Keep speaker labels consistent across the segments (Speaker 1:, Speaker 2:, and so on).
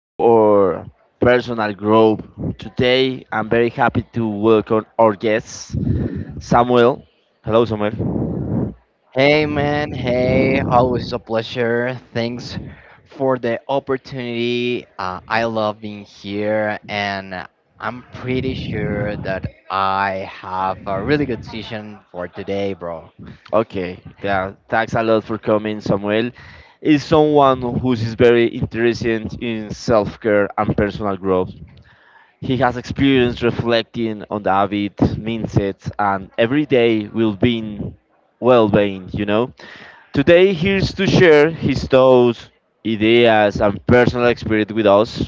Speaker 1: for personal growth. Today I'm very happy to welcome our guest, Samuel. Hello, Samuel.
Speaker 2: Hey man, hey, always a pleasure. Thanks for the opportunity. I love being here, and I'm pretty sure that I have a really good session for today, bro.
Speaker 1: Okay, yeah, thanks a lot for coming, Samuel. Is someone who is very interested in self care and personal growth. He has experience reflecting on David Minset and every day will be well being, you know. Today he's to share his thoughts, ideas and personal experience with us.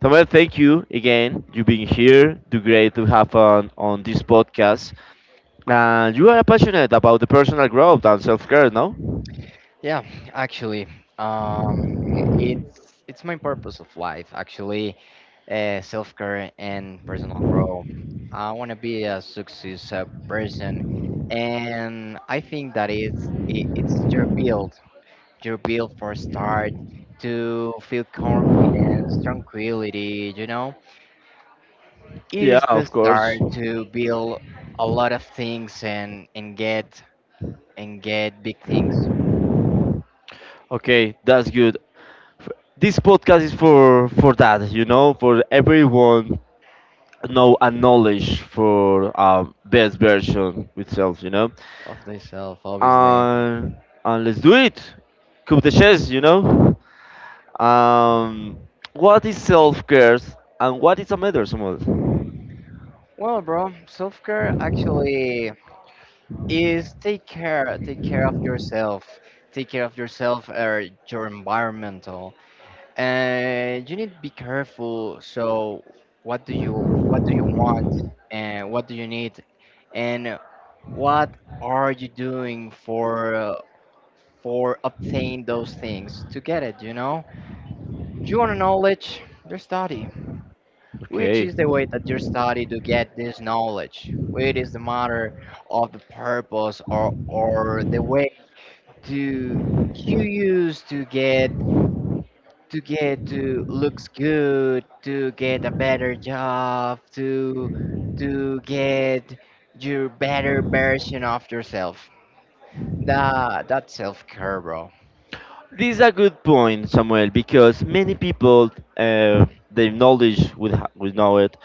Speaker 1: Samuel, thank you again. You being here. Do great to have on this podcast. And you are passionate about the personal growth and self care, no?
Speaker 2: Yeah, actually, um, it's my purpose of life, actually, self care and personal growth. I want to be a success person, and I think that it's your build. You're built for start to feel confidence, tranquility, you know?
Speaker 1: Yeah,
Speaker 2: Is the
Speaker 1: of
Speaker 2: start
Speaker 1: course.
Speaker 2: to build a lot of things and get big things
Speaker 1: Okay, that's good. This podcast is for that, you know, for everyone, know and knowledge for best version itself, you know.
Speaker 2: of thyself, obviously.
Speaker 1: and and let's do it, coup the chess, you know. um what is self-care and what is a matter, Samuel?
Speaker 2: Well, bro, self-care actually is take care, take care of yourself or your environmental. And you need to be careful. So, what do you want, and what do you need, and what are you doing for obtain those things to get it. You want knowledge, your study, which
Speaker 1: Okay,
Speaker 2: is the way that you study to get this knowledge. Which is the matter of the purpose or the way to you use to get to looks good to get a better job to get your better version of yourself. Nah, that's self care, bro.
Speaker 1: this is a good point, Samuel, because many people they knowledge would know it,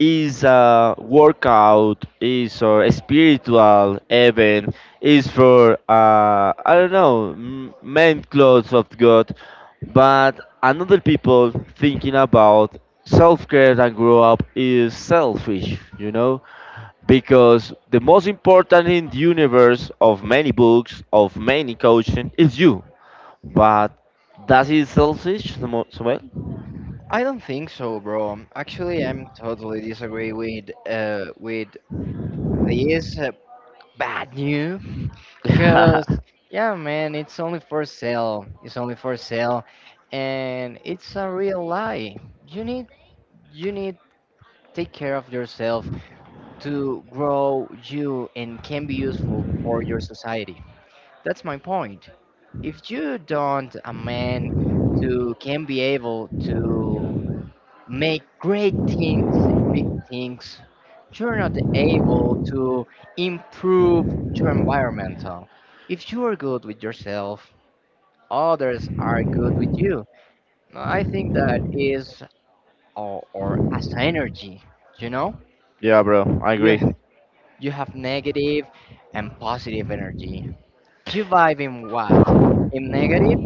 Speaker 1: is a workout, is a spiritual event, is for I don't know men clothes of God, but another people thinking about self care and grow up is selfish, you know, because the most important in the universe of many books of many coaching is you, but that is selfish, Samuel.
Speaker 2: I don't think so, bro. Actually, I'm totally disagree with with this bad news, cause yeah, man, it's only for sale. It's only for sale, and it's a real lie. You need you need take care of yourself to grow you and can be useful for your society. That's my point. If you don't a man to can be able to make great things and big things, you're not able to improve your environmental. If you are good with yourself, others are good with you. I think that is, or as energy, you know?
Speaker 1: Yeah, bro, I
Speaker 2: You,
Speaker 1: agree.
Speaker 2: you have negative and positive energy. You vibe in what? In negative?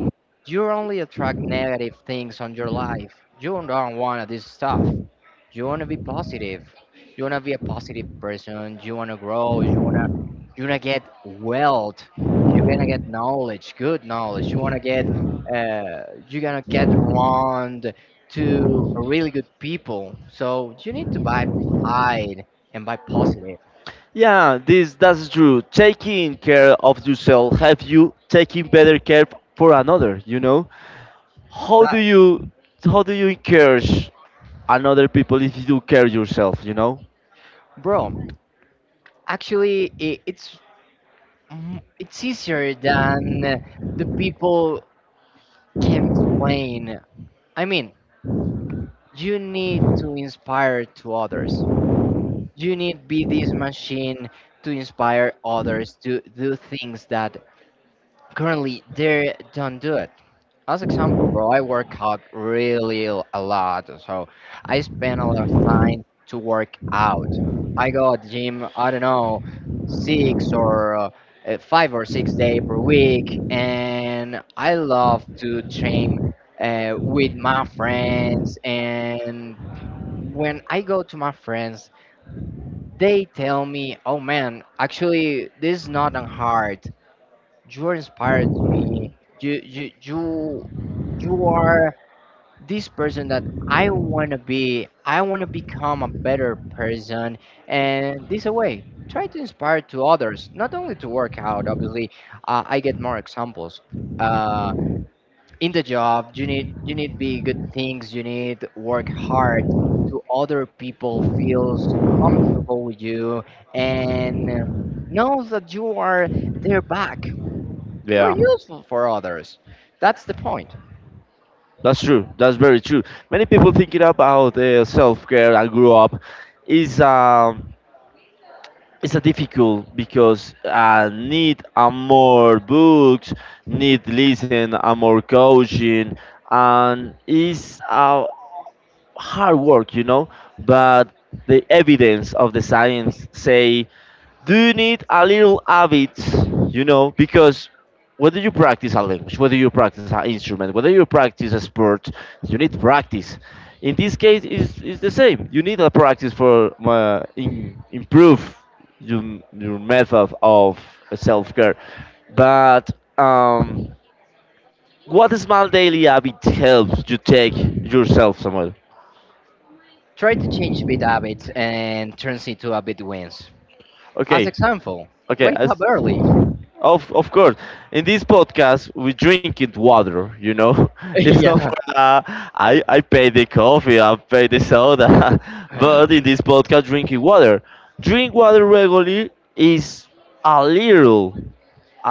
Speaker 2: You only attract negative things on your life. You don't want this stuff. You want to be positive. You want to be a positive person. You want to grow. You want to get wealth. You're going to get knowledge, good knowledge. You're going to get around to really good people. So you need to buy hide and buy positive.
Speaker 1: Yeah, this that's true. Taking care of yourself help you taking better care for another. You know, how
Speaker 2: That
Speaker 1: do you how do you encourage another people if you do care yourself? You know,
Speaker 2: bro, actually it's easier than the people can explain. I mean, you need to inspire to others. You need be this machine to inspire others to do things that currently they don't do, as example, bro, I work out really a lot, so I spend a lot of time to work out. I go at the gym, I don't know, six or 5 or 6 day per week, and I love to train with my friends. And when I go to my friends, they tell me, "Oh man, actually, this is not that hard. You inspired me. You." You are this person that I want to be, I want to become a better person. And this way, try to inspire to others, not only to work out. Obviously, I get more examples. Uh, in the job, you need be good things. You need work hard to other people feels comfortable with you and, knows that you are their back. You're
Speaker 1: yeah,
Speaker 2: useful for others. That's the point.
Speaker 1: that's true. That's very true. Many people thinking about self care and grow up is it's a difficult because I need a more books, need listen a more coaching, and it's a hard work, you know. But the evidence of the science say, do you need a little habit, you know, because whether you practice a language, whether you practice an instrument, whether you practice a sport, you need practice. In this case, it's the same. You need a practice for improve your method of self care. But um, what small daily habit helps you take yourself somewhere?
Speaker 2: Try to change bad habits and turns into a bit wins. As
Speaker 1: Okay,
Speaker 2: example,
Speaker 1: okay,
Speaker 2: wake
Speaker 1: as,
Speaker 2: up early.
Speaker 1: of course. In this podcast, we drink it water. You know, it's
Speaker 2: yeah,
Speaker 1: not for I pay the coffee, I pay the soda, but in this podcast, drinking water. Drink water regularly is a little,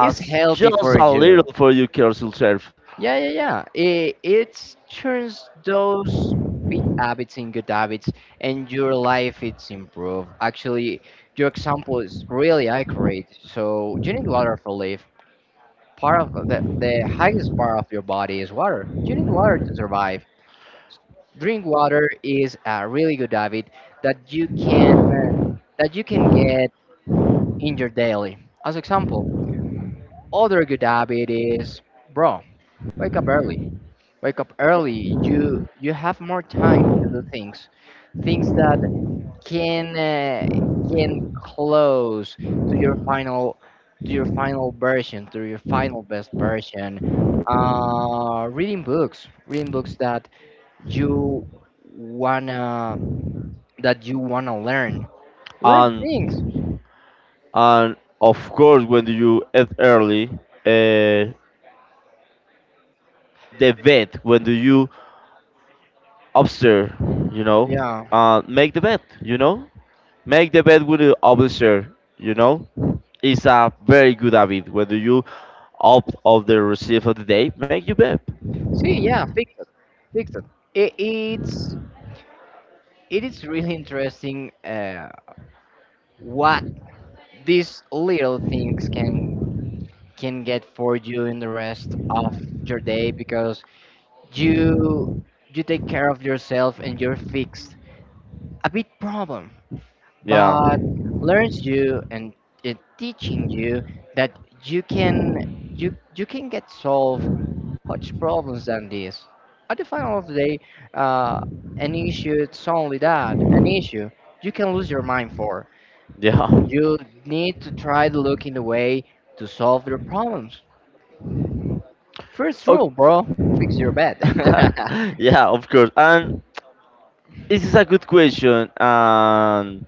Speaker 2: it's healthy
Speaker 1: just
Speaker 2: for
Speaker 1: a
Speaker 2: you.
Speaker 1: little for your careful self,
Speaker 2: Yeah, yeah, yeah. It turns those bad habits in good habits, and your life it's improved. Actually, your example is really accurate. So you need water for life. Part of the highest part of your body is water. You need water to survive. Drink water is a really good habit that you can uh, that you can get in your daily. As example, other good habit is bro, wake up early. Wake up early. You have more time to do things, things that can, can close to your final to your final version, to your final best version. Reading books, that you wanna that you want to learn. Learn things.
Speaker 1: and and of course, when do you eat early? Uh, the vet. When do you upstairs, you know,
Speaker 2: Yeah.
Speaker 1: make the bed, you know, make the bed with the upstairs, you know, it's a very good habit. Whether you opt of the receive of the day, make your bed.
Speaker 2: See, yeah, fix it. Fix it. it it's it is really interesting, what these little things can get for you in the rest of your day, because you you take care of yourself and you're fixed. A big problem,
Speaker 1: Yeah,
Speaker 2: but learns you and it teaching you that you can get solved much problems than this. At the final of the day, uh, an issue it's only that an issue you can lose your mind for.
Speaker 1: yeah,
Speaker 2: You need to try to look in the way to solve your problems. First rule, bro,
Speaker 1: okay.
Speaker 2: fix your bed.
Speaker 1: Yeah, of course. And this is a good question.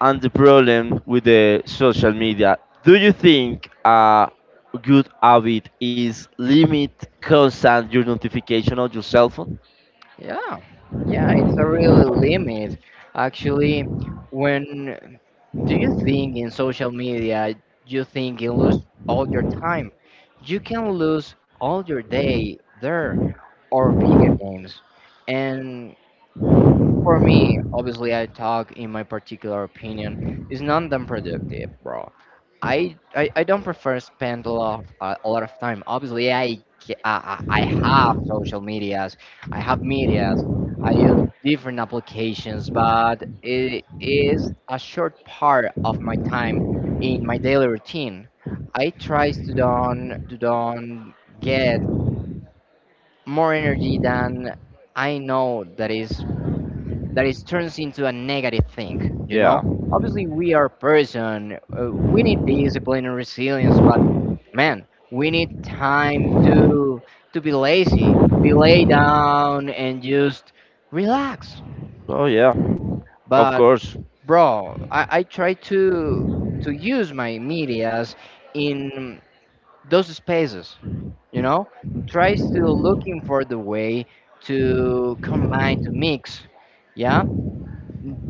Speaker 1: And the problem with the social media. Do you think a good habit is limit constant your notification on your cell phone?
Speaker 2: yeah, yeah, it's a really limit. Actually, when Do you think in social media you think you lose all your time? You can lose all your day there, or video games. And for me, obviously, I talk in my particular opinion. It's not that productive, bro. I don't prefer spend a lot of time. Obviously, I have social medias, I have medias, I use different applications, but it is a short part of my time in my daily routine. I try to don't get more energy than I know that is that it turns into a negative thing you
Speaker 1: Yeah.
Speaker 2: know Obviously, we are person, we need discipline and resilience, but man, we need time to be lazy, to be laid down, and just relax.
Speaker 1: Oh yeah. Of
Speaker 2: But
Speaker 1: course.
Speaker 2: bro, I try to use my medias in those spaces, you know, try still looking for the way to combine to mix, yeah, n-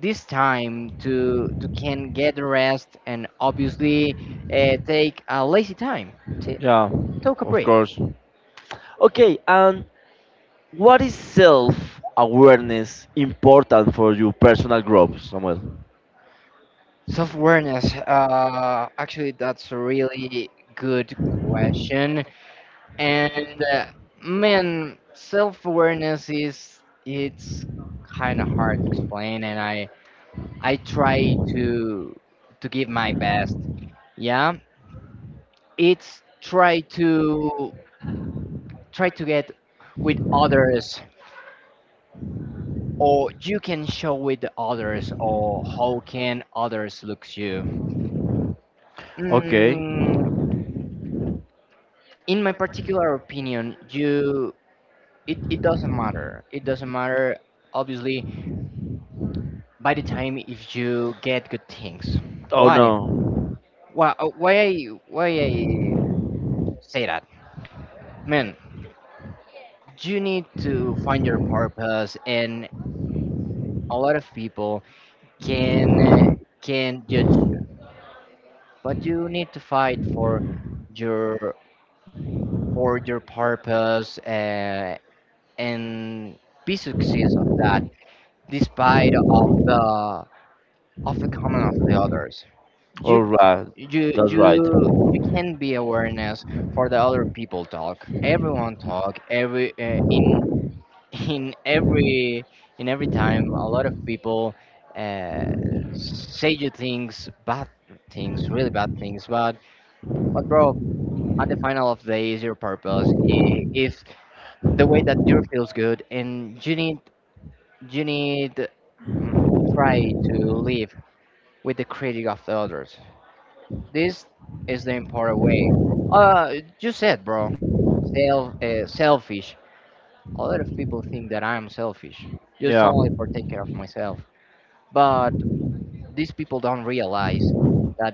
Speaker 2: this time to can get rest, and obviously, take a lazy time to
Speaker 1: Yeah.
Speaker 2: take a
Speaker 1: Of
Speaker 2: break.
Speaker 1: course. Okay, and what is self awareness important for your personal growth, Samuel?
Speaker 2: Self awareness, actually that's a really good question. And uh, man, self awareness is, it's kind of hard to explain, and I try to give my best. Yeah, it's try to get with others, or you can show with to others, or how can others look you
Speaker 1: Okay.
Speaker 2: mm, in my particular opinion, you, it doesn't matter, obviously, by the time if you get good things.
Speaker 1: Oh
Speaker 2: why
Speaker 1: no.
Speaker 2: why why i why i say that, man. You need to find your purpose. And a lot of people can, can judge you, but you need to fight for your purpose, and be success of that, despite of the comment of the others. you
Speaker 1: All right.
Speaker 2: you
Speaker 1: That's right.
Speaker 2: you you can be awareness for the other people talk. Everyone talk, every in in every time, a lot of people, uh, say you things, bad things, really bad things. But bro, at the final of the day, is your purpose, if the way that you feels good. And you need try to live with the critic of the others. This is the important way. uh you said, bro, self, selfish. A lot of people think that I'm selfish just
Speaker 1: Yeah,
Speaker 2: only for take care of myself, but these people don't realize that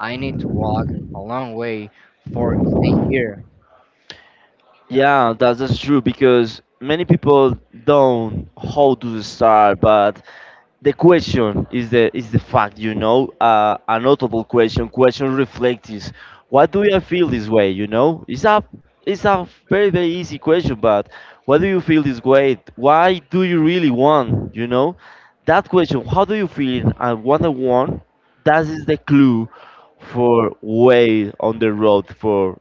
Speaker 2: I need to walk a long way for stay here.
Speaker 1: yeah, that's true because many people don't how to start, but the question is the fact, you know, a notable question reflects is, why do you feel this way, you know? It's a it's a very very easy question but why do you feel this way, why do you really want, you know? That question, how do you feel and what I want, that is the clue for way on the road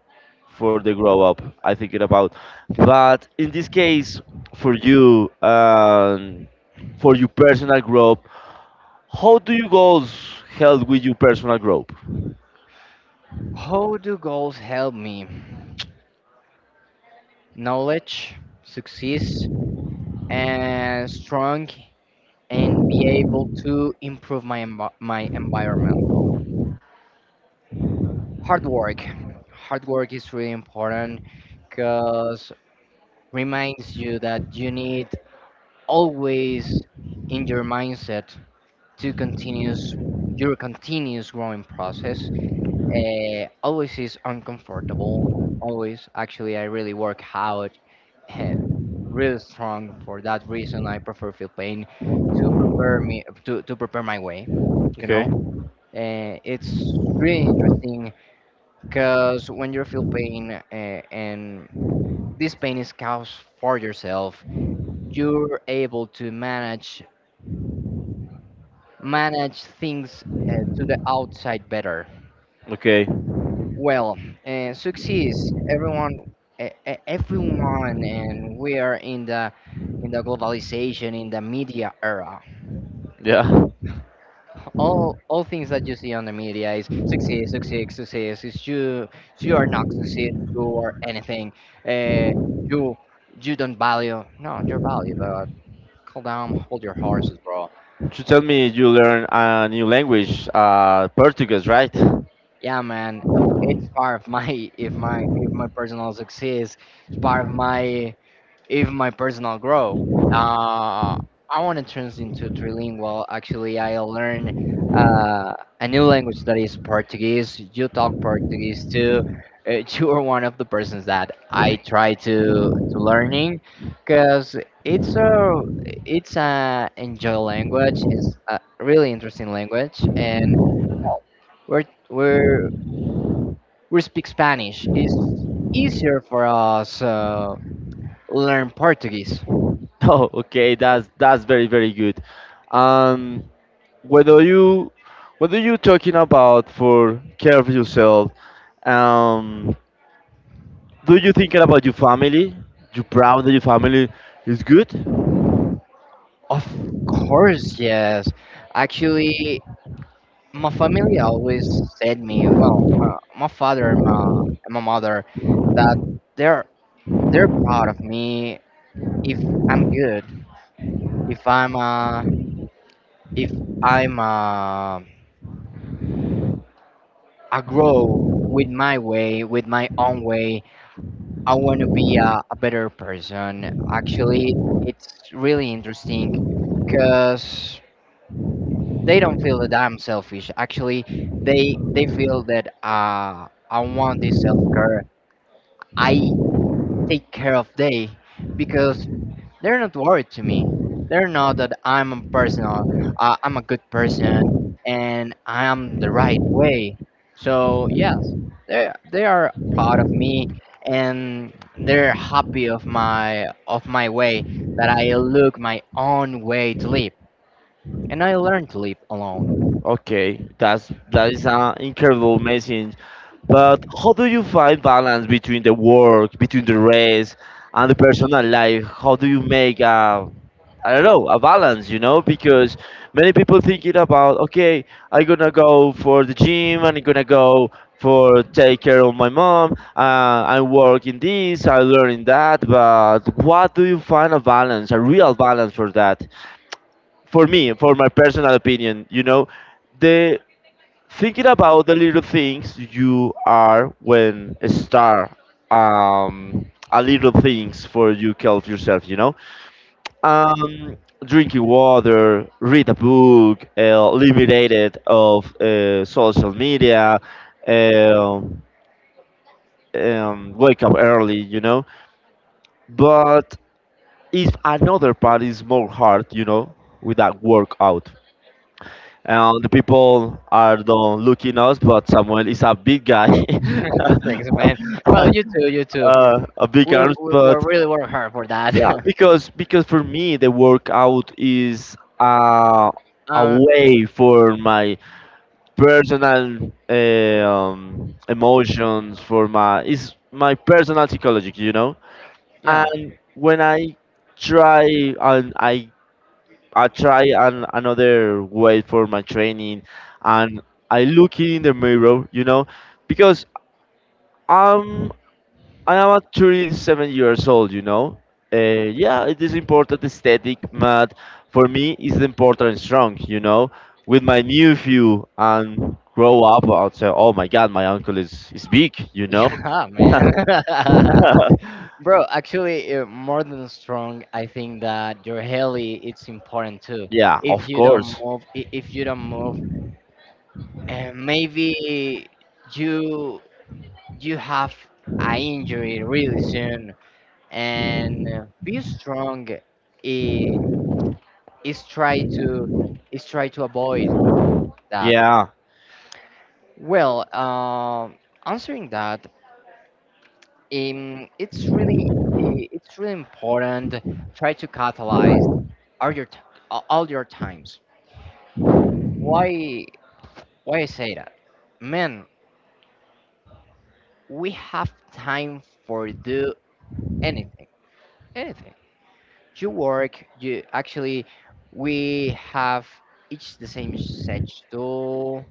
Speaker 1: for the grow up, I think it about. But in this case, for you, for your personal growth, how do you goals help with your personal growth?
Speaker 2: How do goals help me? Knowledge, success, and strong, and be able to improve my my environmental. Hard work. Hard work is really important, because reminds you that you need, always in your mindset, to continuous your continuous growing process. Always is uncomfortable. Always, actually, I really work hard, eh, real strong. For that reason, I prefer feel pain to prepare me to prepare my way. You know,
Speaker 1: Okay.
Speaker 2: it's really interesting, because when you feel pain, and this pain is caused for yourself, you're able to manage things, to the outside better.
Speaker 1: Okay.
Speaker 2: Well, success, everyone, everyone, and we are in the globalization, in the media era.
Speaker 1: Yeah.
Speaker 2: All things that you see on the media is success, success, success. It's you are not success, you are anything. Uh, you you don't value. No, you're value, but calm down, hold your horses, bro.
Speaker 1: You tell me you learn a new language, Portuguese, right?
Speaker 2: Yeah, man, it's part of my if my personal success. It's part of my, even my personal growth. Uh, I want to turn into trilingual. Actually, I learn, uh, a new language that is Portuguese. You talk Portuguese too. You are one of the persons that I try to learning, because it's a it's a enjoy language. It's a really interesting language, and we're we're we speak Spanish. It's easier for us, learn Portuguese.
Speaker 1: Oh, okay. That's very very good. Um, whether you whether you talking about for care of yourself, um, do you thinking about your family? You proud that your family is good?
Speaker 2: Of course, yes. Actually, my family always said me, well, my father and my mother, that they're they're proud of me if I'm good, if I'm uh, if I'm I grow with my way, with my own way. I want to be a better person. Actually, it's really interesting, cause they don't feel that I'm selfish. Actually, they feel that I want this self care. I take care of they because they're not worried to me. They're not that I'm a person, or, I'm a good person and I am the right way. So yes, they are proud of me and they're happy of my way that I look my own way to live and I learn to live alone.
Speaker 1: Okay, that's that is an incredible message. But how do you find balance between the work, between the race, and the personal life? How do you make a, I don't know, a balance? You know, because many people thinking about, okay, I'm gonna go for the gym and I'm gonna go for take care of my mom. I'm working this, I'm learning that. But what do you find a balance, a real balance for that? For me, for my personal opinion, you know, the thinking about the little things you are when start um a little things for you help yourself, you know. um Drinking water, read a book, limited of social media, um, wake up early, you know. But if another part is more hard, you know, with that workout, and the people are don't looking us, but Samuel is a big guy.
Speaker 2: Thanks, man. Well, you too, you too.
Speaker 1: Uh, a big
Speaker 2: We
Speaker 1: arms.
Speaker 2: we, we
Speaker 1: But
Speaker 2: really work hard for that.
Speaker 1: yeah, because for me the workout is a
Speaker 2: uh,
Speaker 1: way for my personal emotions, for my is my personal psychology, you know.
Speaker 2: yeah,
Speaker 1: And when I try and I try an, another way for my training, and I look in the mirror, you know, because I'm I am at 37 years old, you know. Yeah, it is important aesthetic, but for me, it's important and strong, you know. With my new view and grow up, I'll say, oh my God, my uncle is big, you know.
Speaker 2: yeah, man. Bro, actually, more than strong, I think that your heli it's important too.
Speaker 1: Yeah,
Speaker 2: If
Speaker 1: of
Speaker 2: you don't
Speaker 1: course.
Speaker 2: move, I- if you don't move, maybe you you have a injury really soon. And be strong. Is try to is try to avoid that.
Speaker 1: Yeah,
Speaker 2: Well, answering that, it's really important. Try to catalyze all your t- all your times. Why why I say that? Man, we have time for do anything, anything. You work. You Actually, we have each the same schedule,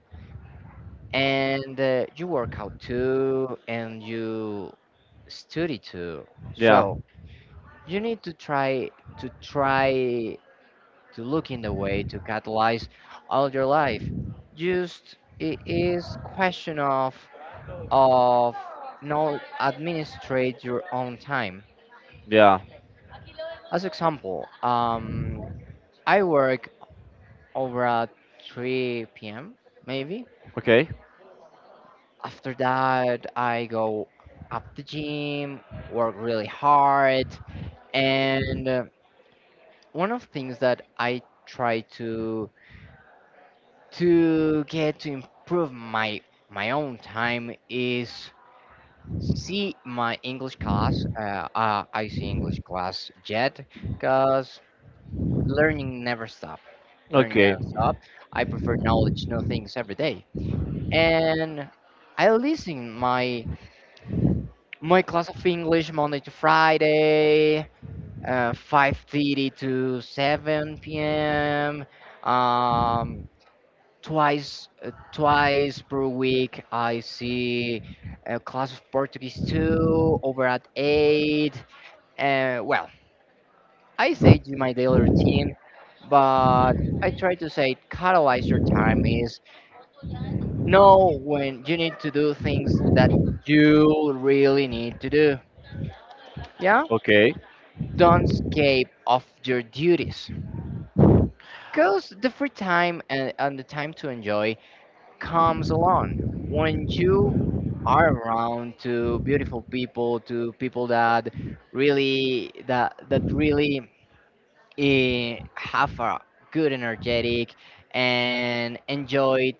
Speaker 2: and you work out too, and you study too.
Speaker 1: yeah,
Speaker 2: So you need to try to look in the way to catalyze all your life, just it is question of not administrate your own time.
Speaker 1: yeah.
Speaker 2: As example, I work over at 3 p.m. maybe.
Speaker 1: Okay,
Speaker 2: After that, I go up the gym, work really hard, and one of things that I try to get to improve my own time is see my English class. I see English class yet, cause learning never stop. Learning
Speaker 1: okay,
Speaker 2: never stop. I prefer knowledge, new things every day, and I listen my class of English Monday to Friday, 5:30 to 7 p.m. Um, twice per week I see a class of Portuguese 2 over at 8. And well, I say do my daily routine, but I try to say catalyze your time is know when you need to do things that you really need to do. Yeah,
Speaker 1: okay.
Speaker 2: don't escape of your duties, because the free time and the time to enjoy comes along when you are around to beautiful people, to people that really have a good energetic and enjoy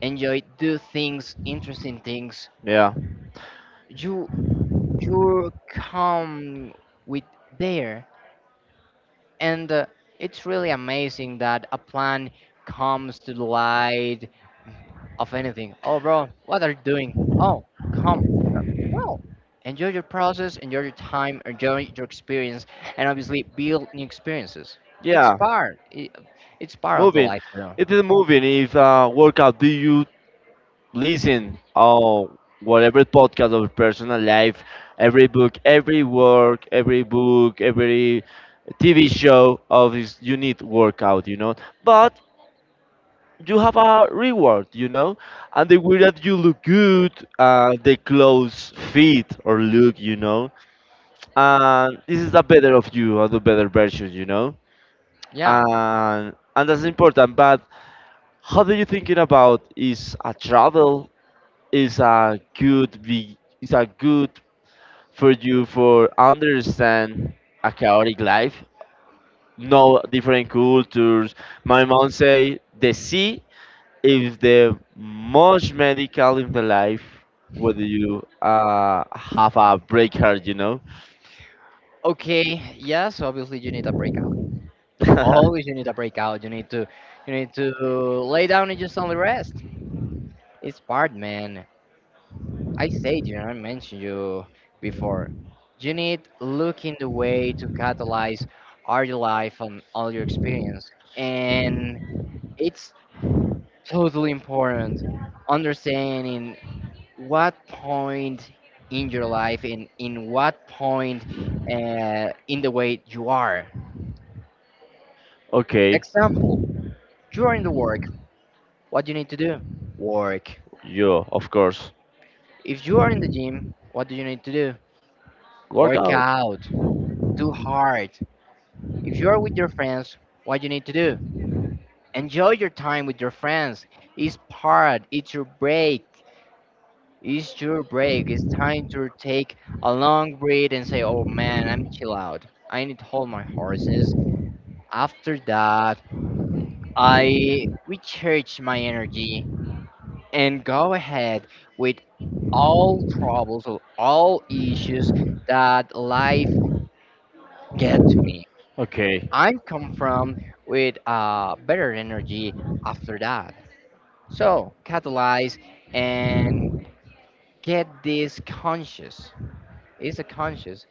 Speaker 2: enjoy do things, interesting things.
Speaker 1: Yeah.
Speaker 2: You you come with there, and it's really amazing that a plan comes to light of anything. Oh, bro, what are you doing? Oh, come. Uh, Well, enjoy your process, enjoy your time, enjoy your experience, and obviously build new experiences. It's
Speaker 1: Yeah,
Speaker 2: part. It's part of the
Speaker 1: moving.
Speaker 2: life too.
Speaker 1: It is moving. If workout, do you listen or whatever podcast of personal life, every book, every work, every book, every TV show of is you need workout, you know. But you have a reward, you know, and the way that you look good, the clothes fit or look, you know, and this is the better of you or the better version, you know,
Speaker 2: Yeah.
Speaker 1: and that's important. But how do you thinking about is a travel, is a good be is a good for you for understand a chaotic life, know different cultures. My mom say the sea is the most medical in the life whether you have a break heart, you know.
Speaker 2: Okay. Yes. Obviously, you need a breakout. Always, you need a breakout. You need to lay down and just only rest. It's part, man. I said you, I mentioned you before. You need looking the way to catalyze all your life and all your experience. And it's totally important understanding what point in your life and in what point in the way you are.
Speaker 1: Okay,
Speaker 2: Example, you are in the work, what do you need to do? Work.
Speaker 1: yeah, of course.
Speaker 2: If you are in the gym, what do you need to do? Work
Speaker 1: Workout.
Speaker 2: out. Do hard. If you are with your friends, what you need to do? Enjoy your time with your friends. It's part, it's your break. It's your break. It's time to take a long breath and say, oh man, I'm chill out. I need to hold my horses. After that, I recharge my energy and go ahead with all troubles or all issues that life get to me.
Speaker 1: Okay.
Speaker 2: I come from with better energy after that. So, catalyze and get this conscious. It's a conscious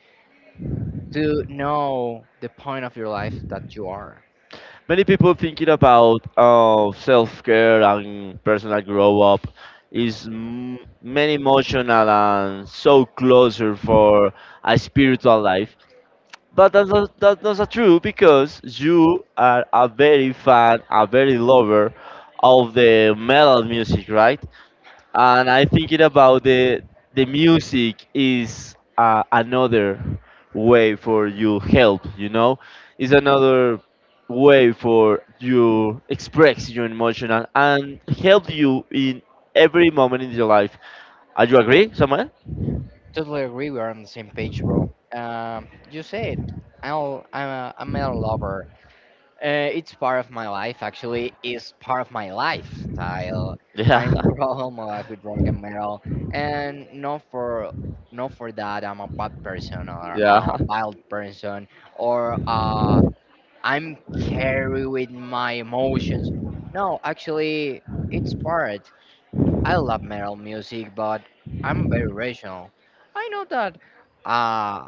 Speaker 2: to know the point of your life that you are.
Speaker 1: Many people thinking about self-care and personal grow up is many emotional and so closer for a spiritual life. But that's not true because you are a very fan, a very lover of the metal music, right? And I thinking about the music is another way for you help. You know, is another way for you express your emotional and help you in every moment in your life. Are you agree, Samuel?
Speaker 2: Totally agree. We are on the same page, bro. You said I'm a lover. It's part of my life. Actually, it's part of my lifestyle.
Speaker 1: Yeah,
Speaker 2: I'm growing all my life with rock and metal, and not for that I'm a bad person or I'm
Speaker 1: yeah.
Speaker 2: a wild person or I'm carried with my emotions. No, actually, it's part. I love metal music, but I'm very rational. I know that uh,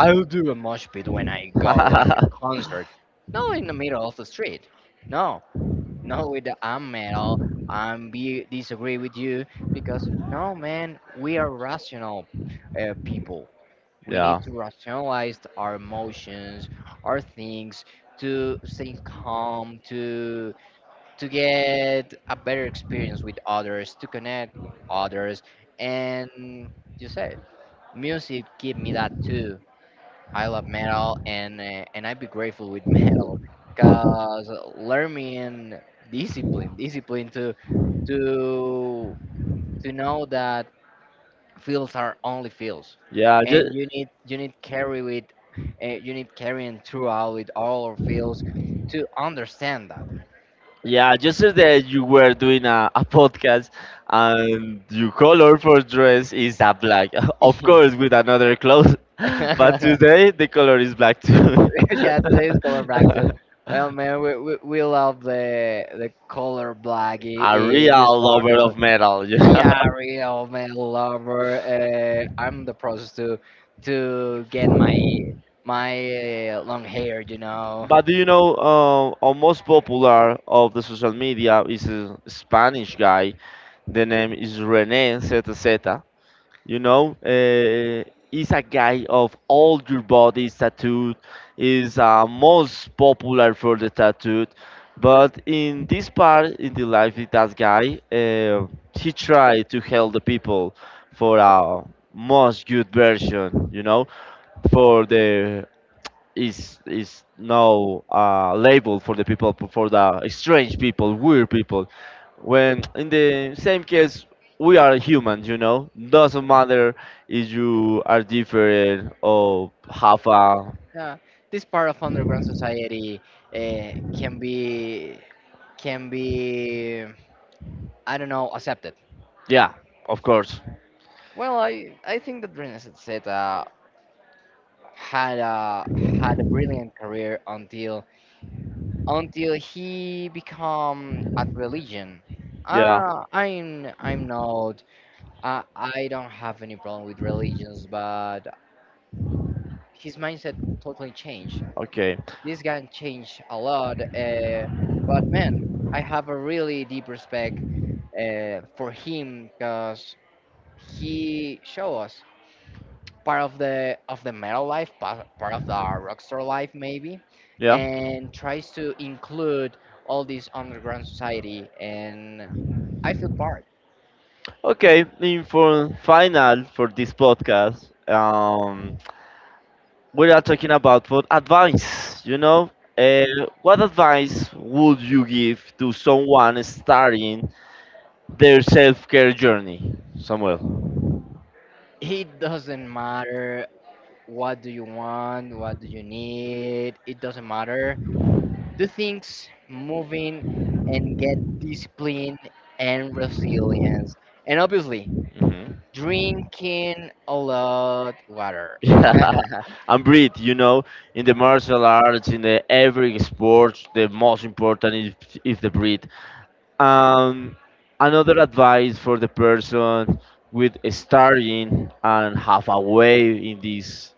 Speaker 2: I'll do a mosh pit when I go at the concert, not in the middle of the street. No, not with the I'm metal. I'm be disagree with you because no, man, we are rational people. We
Speaker 1: Yeah,
Speaker 2: need to rationalize our emotions, our things, to stay calm, to get a better experience with others, to connect with others, and you said, music give me that too. I love metal, and and I'd be grateful with metal, cause learning discipline, to to know that fields are only fields,
Speaker 1: yeah.
Speaker 2: and
Speaker 1: Just
Speaker 2: you need carry with, you need carrying throughout with all our fields to understand that.
Speaker 1: yeah, just as that you were doing a podcast and your color for dress is a black. Of
Speaker 2: Yeah.
Speaker 1: course, with another clothes. But today the color is black too.
Speaker 2: Yeah, today is color black too. Well, man, we love the color black
Speaker 1: A
Speaker 2: in this
Speaker 1: real lover
Speaker 2: podcast.
Speaker 1: of metal, you know.
Speaker 2: Yeah, real man lover. I'm the process to get my long hair, you know.
Speaker 1: But do you know, our most popular of the social media is a Spanish guy. The name is René ZZ. You know, he's a guy of all your body's tattooed, is most popular for the tattooed. But in this part in the life of that guy, he tried to help the people for a most good version, you know, for the is no label for the people, for the strange people, weird people, when in the same case we are humans, you know, doesn't matter if you are different or have a,
Speaker 2: Yeah, this part of underground society can be can be I don't know accepted.
Speaker 1: yeah, of course,
Speaker 2: Well, I think that René Zeta had a brilliant career until he become a religion.
Speaker 1: yeah,
Speaker 2: Uh, I'm I'm not I don't have any problem with religions, but his mindset totally changed.
Speaker 1: okay,
Speaker 2: This can changed a lot. But man, I have a really deep respect for him because he show us part of the metal life, part of the rockstar life maybe,
Speaker 1: yeah.
Speaker 2: and tries to include all this underground society. And I feel part.
Speaker 1: Okay, in for final for this podcast, we are talking about for advice. You know, uh, what advice would you give to someone starting their self-care journey, Samuel?
Speaker 2: It doesn't matter what do you want, what do you need. It doesn't matter, do things moving and get discipline and resilience and obviously
Speaker 1: Hmm.
Speaker 2: drinking a lot water.
Speaker 1: Yeah, and breathe. You know, in the martial arts, in the every sport, the most important is the breathe. Um, another advice for the person with starting and half away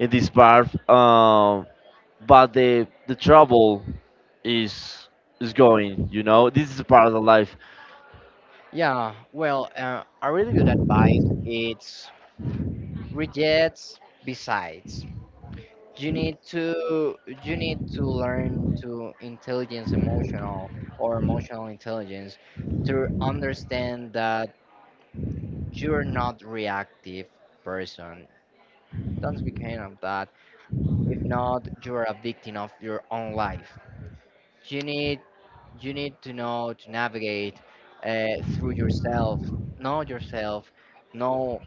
Speaker 1: in this part. But the trouble is is going. You know, this is a part of the life.
Speaker 2: Yeah, well, a really good advice it's rejects. Besides, you need to, learn to intelligence emotional or emotional intelligence, to understand that you're not reactive person, don't be kind of that. If not, you are a victim of your own life. You need you need to know to navigate through yourself, know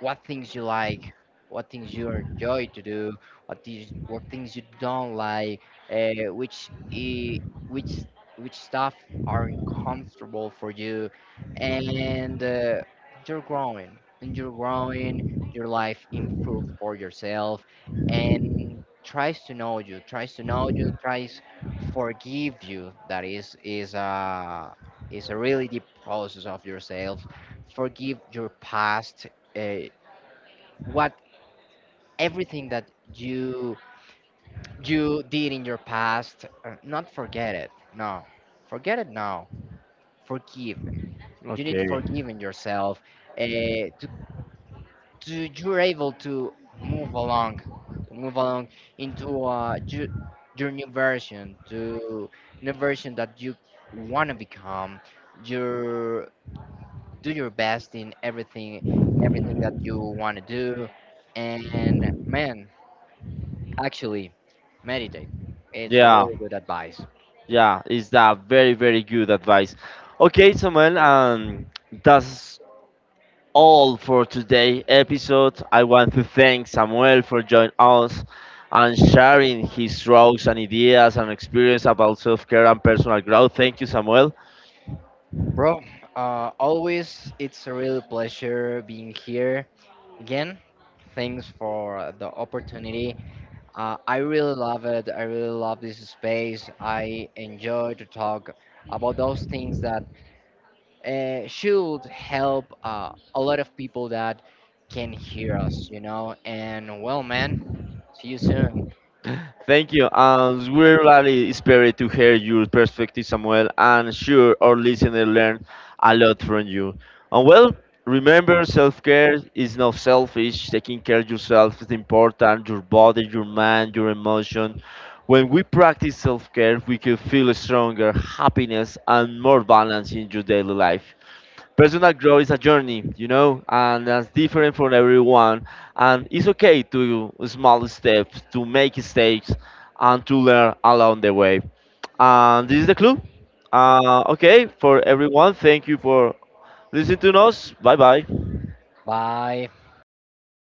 Speaker 2: what things you like, what things you enjoy to do, what things you don't like, which I- which which stuff are not comfortable for you, and you're growing and you're growing. Your life improve for yourself, and tries to know you, tries to know you, tries forgive you. That is a really deep process of yourself. Forgive your past. Uh, what everything that you you did in your past, not forget it, no, forget it now, forgive. You need
Speaker 1: Okay.
Speaker 2: forgiving yourself, uh, to, to you're able to move along, to move along into your new version, to new version that you want to become. Your do your best in everything, in everything that you want to do, and man, actually, meditate. It's a
Speaker 1: Yeah,
Speaker 2: really good advice.
Speaker 1: yeah, it's a very very good advice. Okay, Samuel, that's all for today episode. I want to thank Samuel for joining us and sharing his thoughts and ideas and experience about self-care and personal growth. Thank you, Samuel.
Speaker 2: Bro, always it's a real pleasure being here again. Thanks for the opportunity. I really love it. I really love this space. I enjoy to talk about those things that should help a lot of people that can hear us. And well, man, see you soon.
Speaker 1: Thank you. We're really inspired to hear your perspective, Samuel, and sure our listeners learn a lot from you. And well, remember, self-care is not selfish. Taking care of yourself is important. Your body, your mind, your emotion. When we practice self-care, we can feel stronger, happiness, and more balance in your daily life. Personal growth is a journey, you know, and that's different for everyone. And it's okay to small steps, to make mistakes, and to learn along the way. And this is the clue. Okay, for everyone, thank you for listening to us. Bye bye.
Speaker 2: Bye.